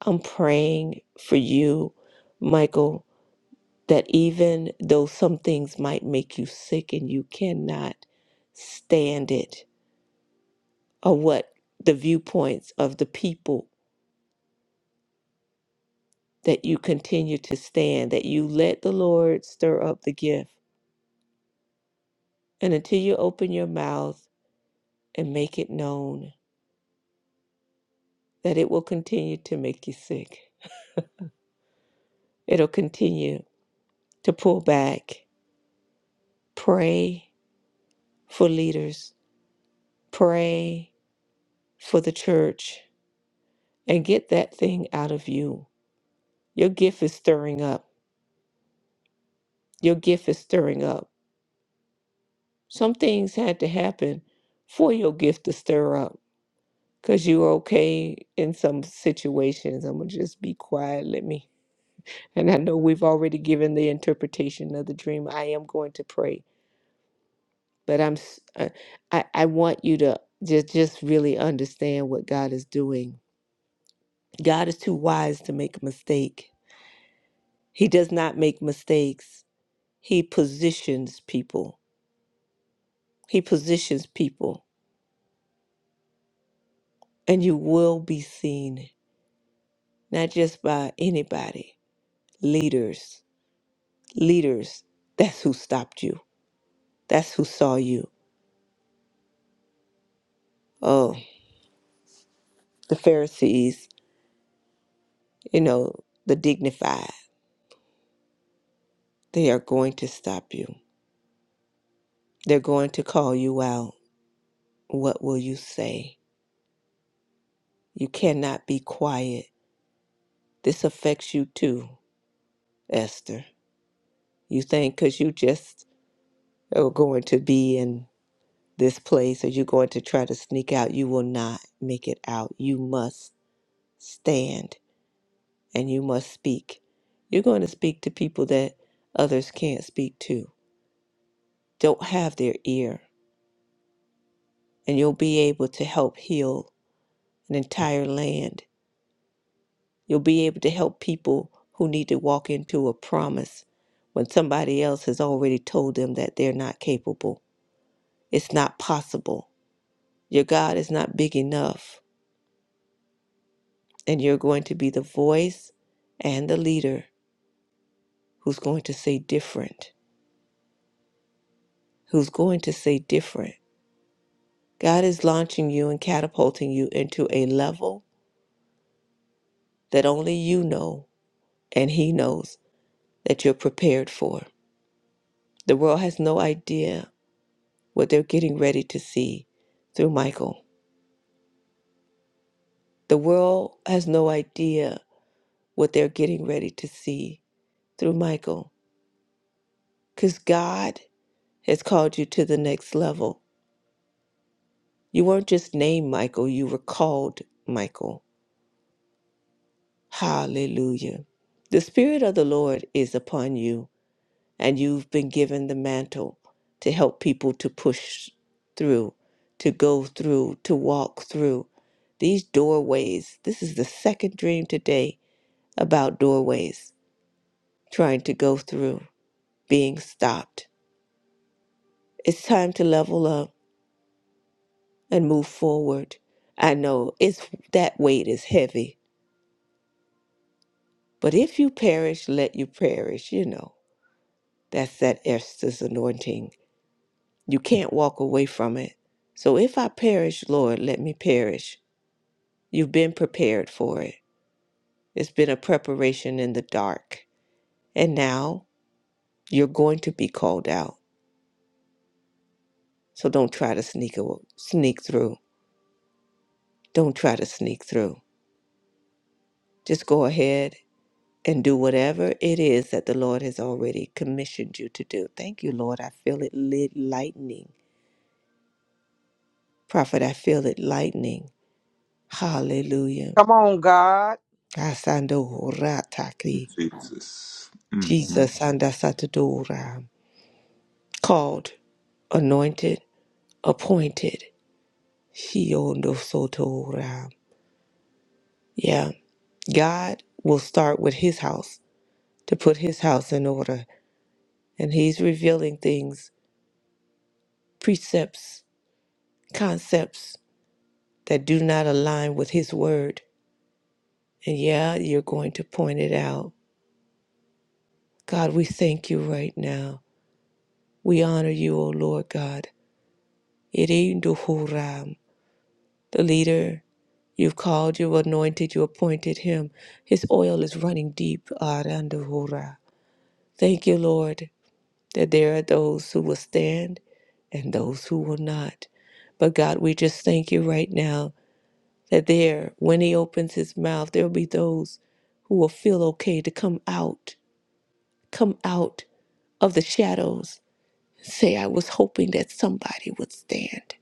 I'm praying for you, Michael, that even though some things might make you sick and you cannot stand it, or what the viewpoints of the people, that you continue to stand, that you let the Lord stir up the gift. And until you open your mouth and make it known, that it will continue to make you sick. It'll continue to pull back. Pray for leaders, pray for the church, and get that thing out of you. Your gift is stirring up. Your gift is stirring up. Some things had to happen for your gift to stir up because you're okay in some situations. I'm going to just be quiet. Let me. And I know we've already given the interpretation of the dream. I am going to pray but I'm s- uh, I I want you to just just really understand what God is doing. God is too wise to make a mistake. He does not make mistakes. He positions people. He positions people and you will be seen not just by anybody. Leaders. Leaders. That's who stopped you. That's who saw you. Oh, the Pharisees, you know, the dignified, they are going to stop you. They're going to call you out What will you say? You cannot be quiet. This affects you too, Esther. You think because you just are going to be in this place or you're going to try to sneak out, you will not make it out. You must stand and you must speak. You're going to speak to people that others can't speak to, don't have their ear, and you'll be able to help heal an entire land You'll be able to help people who need to walk into a promise when somebody else has already told them that they're not capable. It's not possible. Your God is not big enough, and you're going to be the voice and the leader who's going to say different. Who's going to say different? God is launching you and catapulting you into a level that only you know and He knows that you're prepared for. The world has no idea what they're getting ready to see through Michael. The world has no idea what they're getting ready to see through Michael because God has called you to the next level. You weren't just named Michael, you were called Michael. Hallelujah. The Spirit of the Lord is upon you, and you've been given the mantle to help people to push through, to go through, to walk through these doorways. This is the second dream today about doorways, trying to go through, being stopped. It's time to level up and move forward. I know it's that weight is heavy, but if you perish, let you perish, you know. That's that Esther's anointing. You can't walk away from it. So if I perish, Lord, let me perish. You've been prepared for it. It's been a preparation in the dark. And now you're going to be called out. So don't try to sneak a, sneak through Don't try to sneak through. Just go ahead and do whatever it is that the Lord has already commissioned you to do. Thank you, Lord. I feel it lit lightning. Prophet, I feel it lightning. Hallelujah.
Come on, God.
Asando horataki.
jesus mm mm.
Jesus andasatadora. Called, anointed, appointed. Shiondo sotora. Yeah. God will start with his house to put his house in order. And he's revealing things precepts, concepts that do not align with His Word. And yeah, you're going to point it out. God, we thank you right now. We honor you, O Lord God. Irinduhuram, the leader you've called, you anointed, you appointed him. His oil is running deep. Aranduhura. Thank you, Lord, that there are those who will stand and those who will not. But God, we just thank you right now that there, when he opens his mouth, there will be those who will feel okay to come out, come out of the shadows. Say, I was hoping that somebody would stand.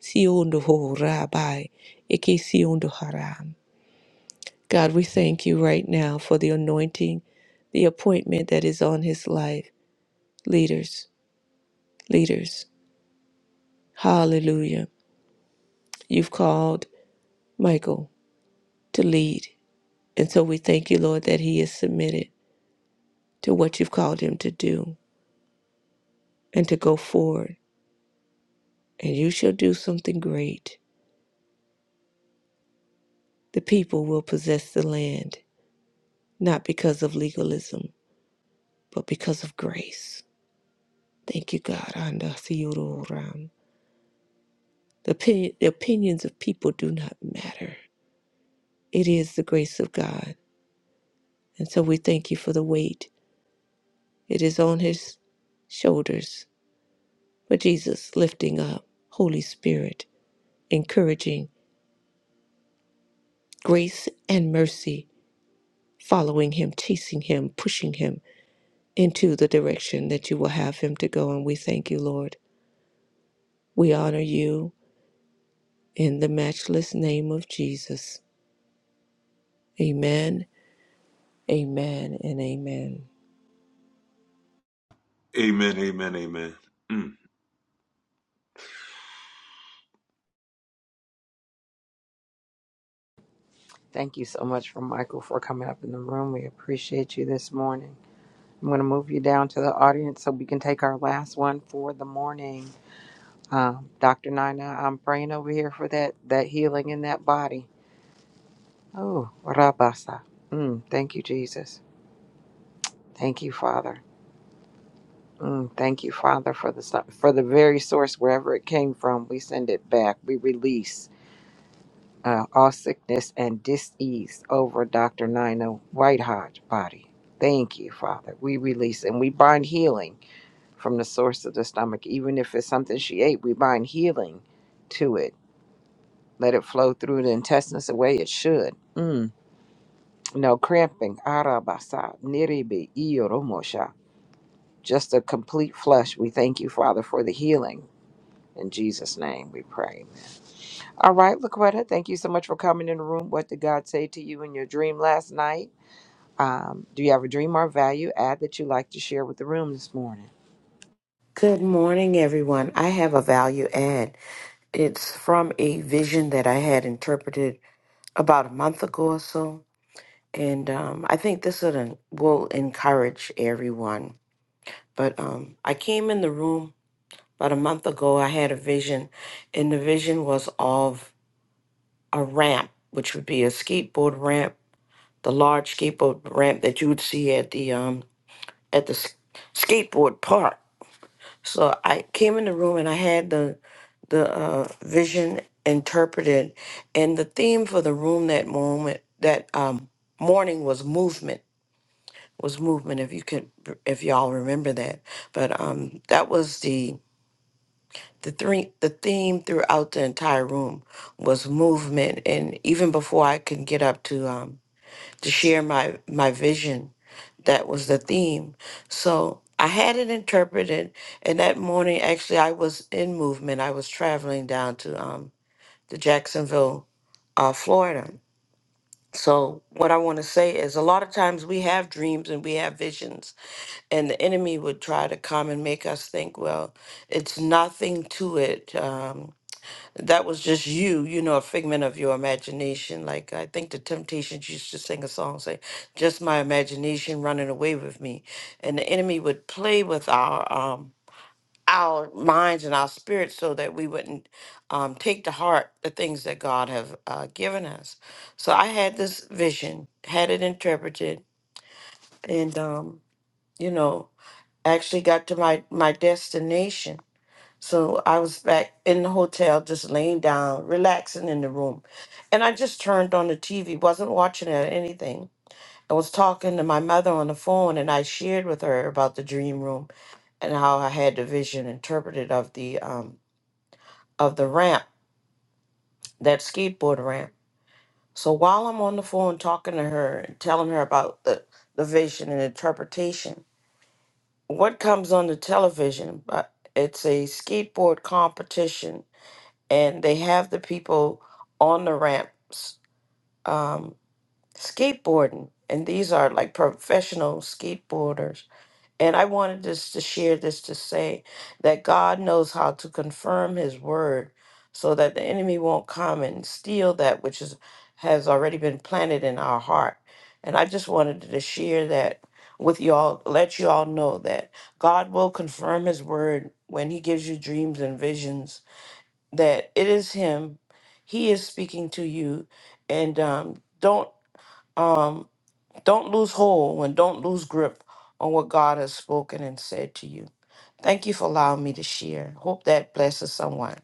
Siondo ho rabai, eke siondo haram. God, we thank you right now for the anointing, the appointment that is on his life. Leaders, leaders, hallelujah. You've called Michael to lead. And so we thank you, Lord, that he is submitted. to what you've called him to do and to go forward. And you shall do something great. The people will possess the land, not because of legalism, but because of grace. Thank you, God. Anda The, opi- the opinions of people do not matter. It is the grace of God. And so we thank you for the weight. It is on his shoulders. But Jesus lifting up, Holy Spirit, encouraging, grace and mercy following him, chasing him, pushing him into the direction that you will have him to go. And we thank you, Lord. We honor you in the matchless name of Jesus. Amen, amen, and amen.
amen amen amen
Thank you so much for Michael for coming up in the room. We appreciate you this morning. I'm going to move you down to the audience so we can take our last one for the morning. Um, Dr. Nina, I'm praying over here for that that healing in that body. Oh, Rabasa. Mm, thank you, Jesus. Thank you, Father. Mm, thank you, Father, for the so- for the very source wherever it came from. We send it back. We release uh, all sickness and disease over Doctor Nina Whitehot body. Thank you, Father. We release and we bind healing from the source of the stomach. Even if it's something she ate, we bind healing to it. Let it flow through the intestines the way it should. Mm. No cramping. Arabasa, niribi, iyoromosha. Just a complete flush. We thank you, Father, for the healing. In Jesus' name we pray. All right, Laquetta, thank you so much for coming in the room. What did God say to you in your dream last night? Um, do you have a dream or value add that you'd like to share with the room this morning?
Good morning, everyone. I have a value add. It's from a vision that I had interpreted about a month ago or so. And um, I think this will en- will encourage everyone. But um, I came in the room about a month ago. I had a vision, and the vision was of a ramp, which would be a skateboard ramp, the large skateboard ramp that you would see at the um, at the s- skateboard park So I came in the room and I had the the uh, vision interpreted, and the theme for the room that moment that um, morning was movement. Was movement if you could if y'all remember that, but um, that was the the three the theme throughout the entire room was movement, and even before I could get up to um, to share my my vision that was the theme so i had it interpreted and that morning actually i was in movement i was traveling down to um to jacksonville uh, florida so what i want to say is a lot of times we have dreams and we have visions and the enemy would try to come and make us think well it's nothing to it Um, that was just you, you know, a figment of your imagination. Like I think the Temptations used to sing a song saying, "Just my imagination running away with me," and the enemy would play with our um our minds and our spirits so that we wouldn't um, take to heart the things that God have uh, given us. So I had this vision, had it interpreted, and um, you know, actually got to my my destination so I was back in the hotel, just laying down, relaxing in the room. And I just turned on the TV, wasn't watching it or anything. I was talking to my mother on the phone, and I shared with her about the dream room and how I had the vision interpreted of the um of the ramp, that skateboard ramp. So while I'm on the phone talking to her and telling her about the the vision and interpretation, what comes on the television? But it's a skateboard competition and they have the people on the ramps um, skateboarding. And these are like professional skateboarders. And I wanted just to share this to say that God knows how to confirm his word so that the enemy won't come and steal that which is has already been planted in our heart. And I just wanted to share that with y'all, let you all know that God will confirm his word when he gives you dreams and visions that it is him he is speaking to you and um, don't um, don't lose hold and don't lose grip on what god has spoken and said to you thank you for allowing me to share hope that blesses someone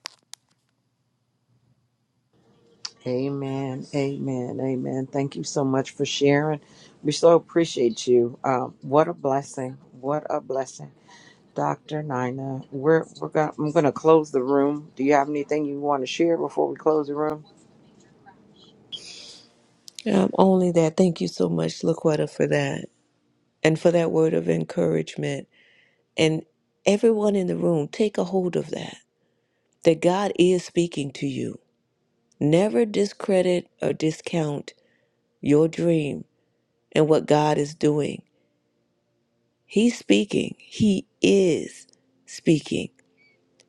Amen. Amen. Amen. Thank you so much for sharing. We so appreciate you. Um, what a blessing. What a blessing. Dr. Nina, we're we're gonna I'm gonna close the room. Do you have anything you want to share before we close the room?
Um, only that. Thank you so much, Laquetta, for that and for that word of encouragement. And everyone in the room, take a hold of that. That God is speaking to you. Never discredit or discount your dream and what God is doing. He's speaking. He is speaking.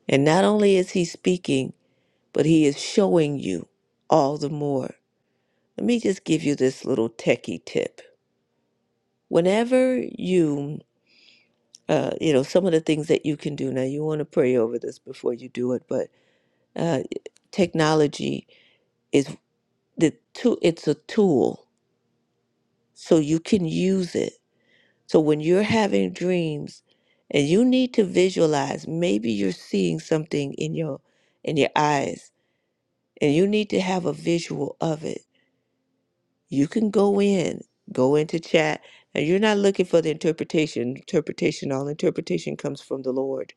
And not only is he speaking, but he is showing you all the more. Let me just give you this little techie tip. Whenever you, uh, you know, some of the things that you can do now, you want to pray over this before you do it, but uh, technology is the tool, it's a tool, so you can use it So when you're having dreams and you need to visualize, maybe you're seeing something in your in your eyes and you need to have a visual of it. You can go in, go into chat, and you're not looking for the interpretation. Interpretation, all interpretation comes from the Lord.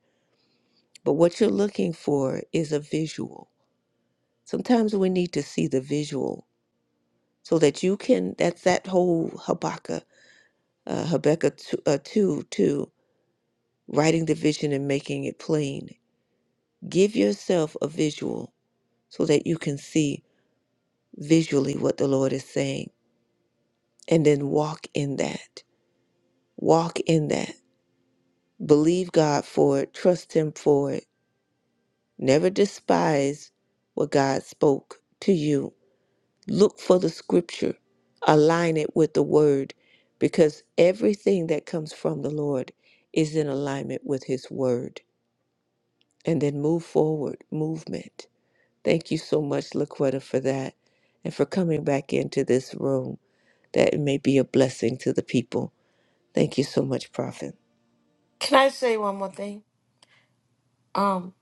But what you're looking for is a visual. Sometimes we need to see the visual so that you can, that's that whole Habakkuk, uh, Habakkuk 2, uh, 2, 2, writing the vision and making it plain Give yourself a visual so that you can see visually what the Lord is saying and then walk in that. Walk in that. Believe God for it. Trust Him for it. Never despise what God spoke to you. Look for the scripture, align it with the word, because everything that comes from the Lord is in alignment with His word. And then move forward, movement. Thank you so much, Laquetta, for that and for coming back into this room that it may be a blessing to the people. Thank you so much, Prophet.
can i say one more thing um,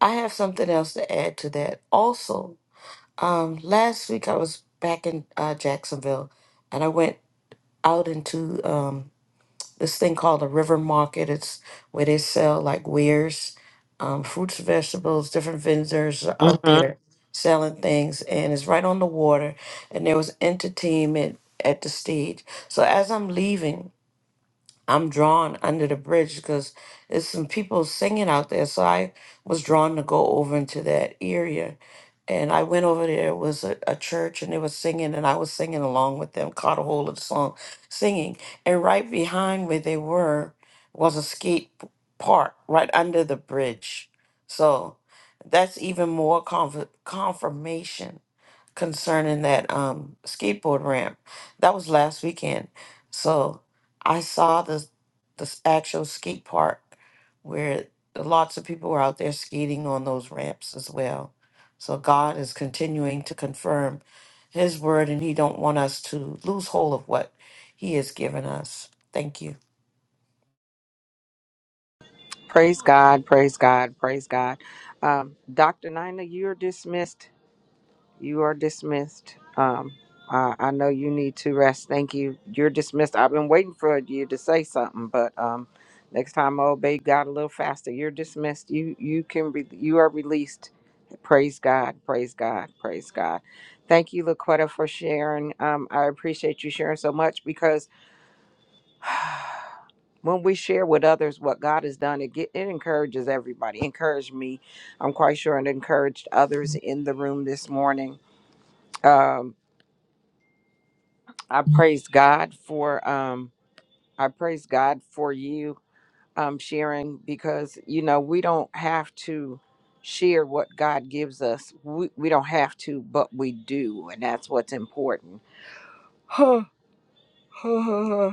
i have something else to add to that also um, last week i was back in uh, jacksonville and i went out into um, this thing called the River Market. It's where they sell like wares, um, fruits, vegetables, different vendors are out
hmm
there selling things, and it's right on the water. And there was entertainment at the stage. So as I'm leaving. I'm drawn under the bridge because there's some people singing out there. So I was drawn to go over into that area. And I went over there, it was a, a church, and they were singing, and I was singing along with them, caught a hold of the song, singing. And right behind where they were was a skate p- park right under the bridge. So that's even more conf- confirmation concerning that um skateboard ramp. That was last weekend. So I saw the the s- actual skate park where lots of people were out there skating on those ramps as well. So God is continuing to confirm his word and he don't want us to lose hold of what he has given us. Thank you.
Praise God, praise God, praise God. Um, Dr. Nina, you're dismissed. You are dismissed. Um, uh, I know you need to rest. Thank you. You're dismissed. I've been waiting for you to say something, but um, next time I obey God a little faster. You're dismissed. You you can re- you are released. Praise God. Praise God. Praise God. Thank you, Laquetta, for sharing. Um, I appreciate you sharing so much because when we share with others what God has done, it get, it encourages everybody. Encouraged me. I'm quite sure it encouraged others in the room this morning Um, I praise God for um I praise God for you um sharing because you know we don't have to share what God gives us. We we don't have to, but we do, and that's what's important.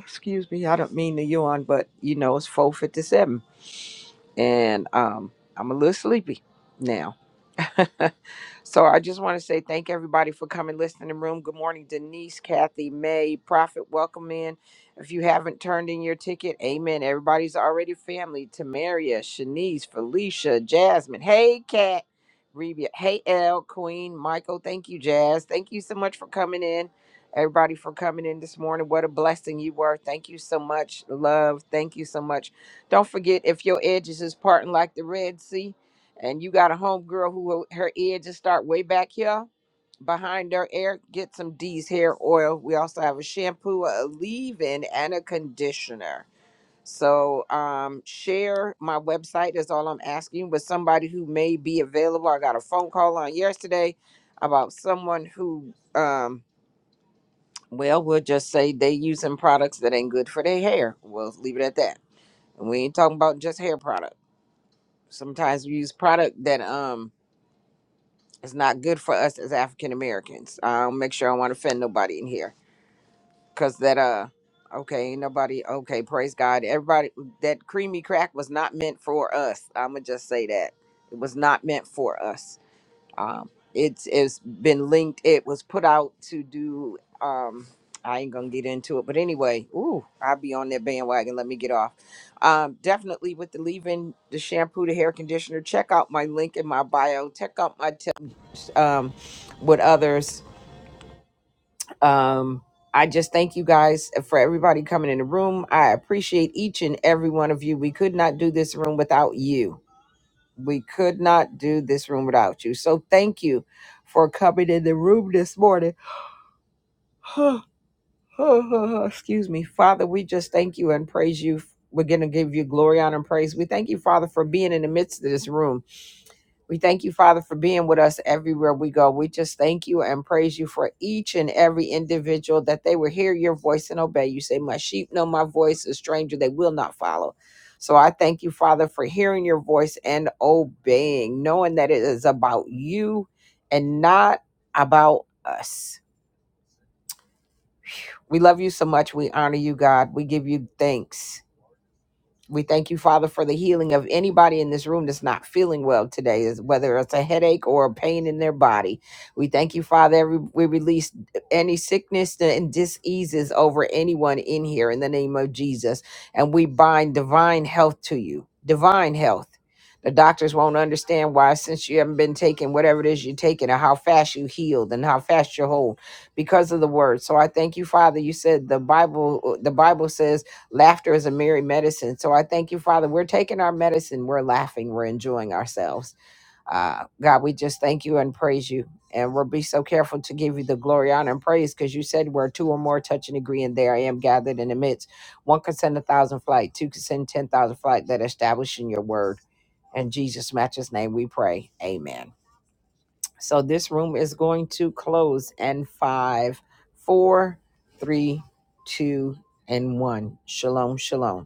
Excuse me, I don't mean to yawn, but you know it's four fifty seven and um I'm a little sleepy now. so I just want to say thank everybody for coming, listening in the room. Good morning, Denise, Kathy, May, Prophet. Welcome in. If you haven't turned in your ticket, amen. Everybody's already family. Tamaria, Shanice, Felicia, Jasmine. Hey, Kat. Rebia. Hey, L, Queen, Michael. Thank you, Jazz. Thank you so much for coming in. Everybody for coming in this morning. What a blessing you were. Thank you so much. Love. Thank you so much. Don't forget if your edges is parting like the Red Sea, and you got a homegirl who her ear just start way back here behind her ear. Get some D's hair oil. We also have a shampoo, a leave-in, and a conditioner. So um, share my website is all I'm asking with somebody who may be available. I got a phone call on yesterday about someone who um, well we'll just say they using products that ain't good for their hair. We'll leave it at that. And we ain't talking about just hair product. Sometimes we use product that um It's not good for us as African Americans. I'll make sure I want to offend nobody in here. Cause that uh okay, ain't nobody okay, praise God. Everybody that creamy crack was not meant for us. I'ma just say that. It was not meant for us. Um it's it's been linked, it was put out to do um I ain't gonna get into it, but anyway, ooh, I'll be on that bandwagon. Let me get off. Um, definitely with the leave-in, the shampoo, the hair conditioner. Check out my link in my bio. Check out my um, with others. Um, I just thank you guys for everybody coming in the room. I appreciate each and every one of you. We could not do this room without you. We could not do this room without you. So thank you for coming in the room this morning. Excuse me. Father, we just thank you and praise you. We're going to give you glory, honor, and praise. We thank you, Father, for being in the midst of this room. We thank you, Father, for being with us everywhere we go. We just thank you and praise you for each and every individual that they will hear your voice and obey. You say, My sheep know my voice, a stranger they will not follow. So I thank you, Father, for hearing your voice and obeying, knowing that it is about you and not about us. We love you so much. We honor you, God. We give you thanks. We thank you, Father, for the healing of anybody in this room that's not feeling well today, is whether it's a headache or a pain in their body. We thank you, Father. Every, we release any sickness and diseases over anyone in here in the name of Jesus. And we bind divine health to you, divine health. The doctors won't understand why, since you haven't been taking whatever it is you're taking, or how fast you healed and how fast you're whole because of the word. So I thank you, Father. You said the Bible, uh, the Bible says Laughter is a merry medicine. So I thank you, Father. We're taking our medicine. We're laughing. We're enjoying ourselves. Uh, God, we just thank you and praise you. And we'll be so careful to give you the glory, honor, and praise because you said where two or more touch and agree, and there I am gathered in the midst. One can send a thousand flight, two can send 10,000 flight that establish in your word. In Jesus' matchless name we pray. Amen. So this room is going to close in five, four, three, two, and one. Shalom, shalom.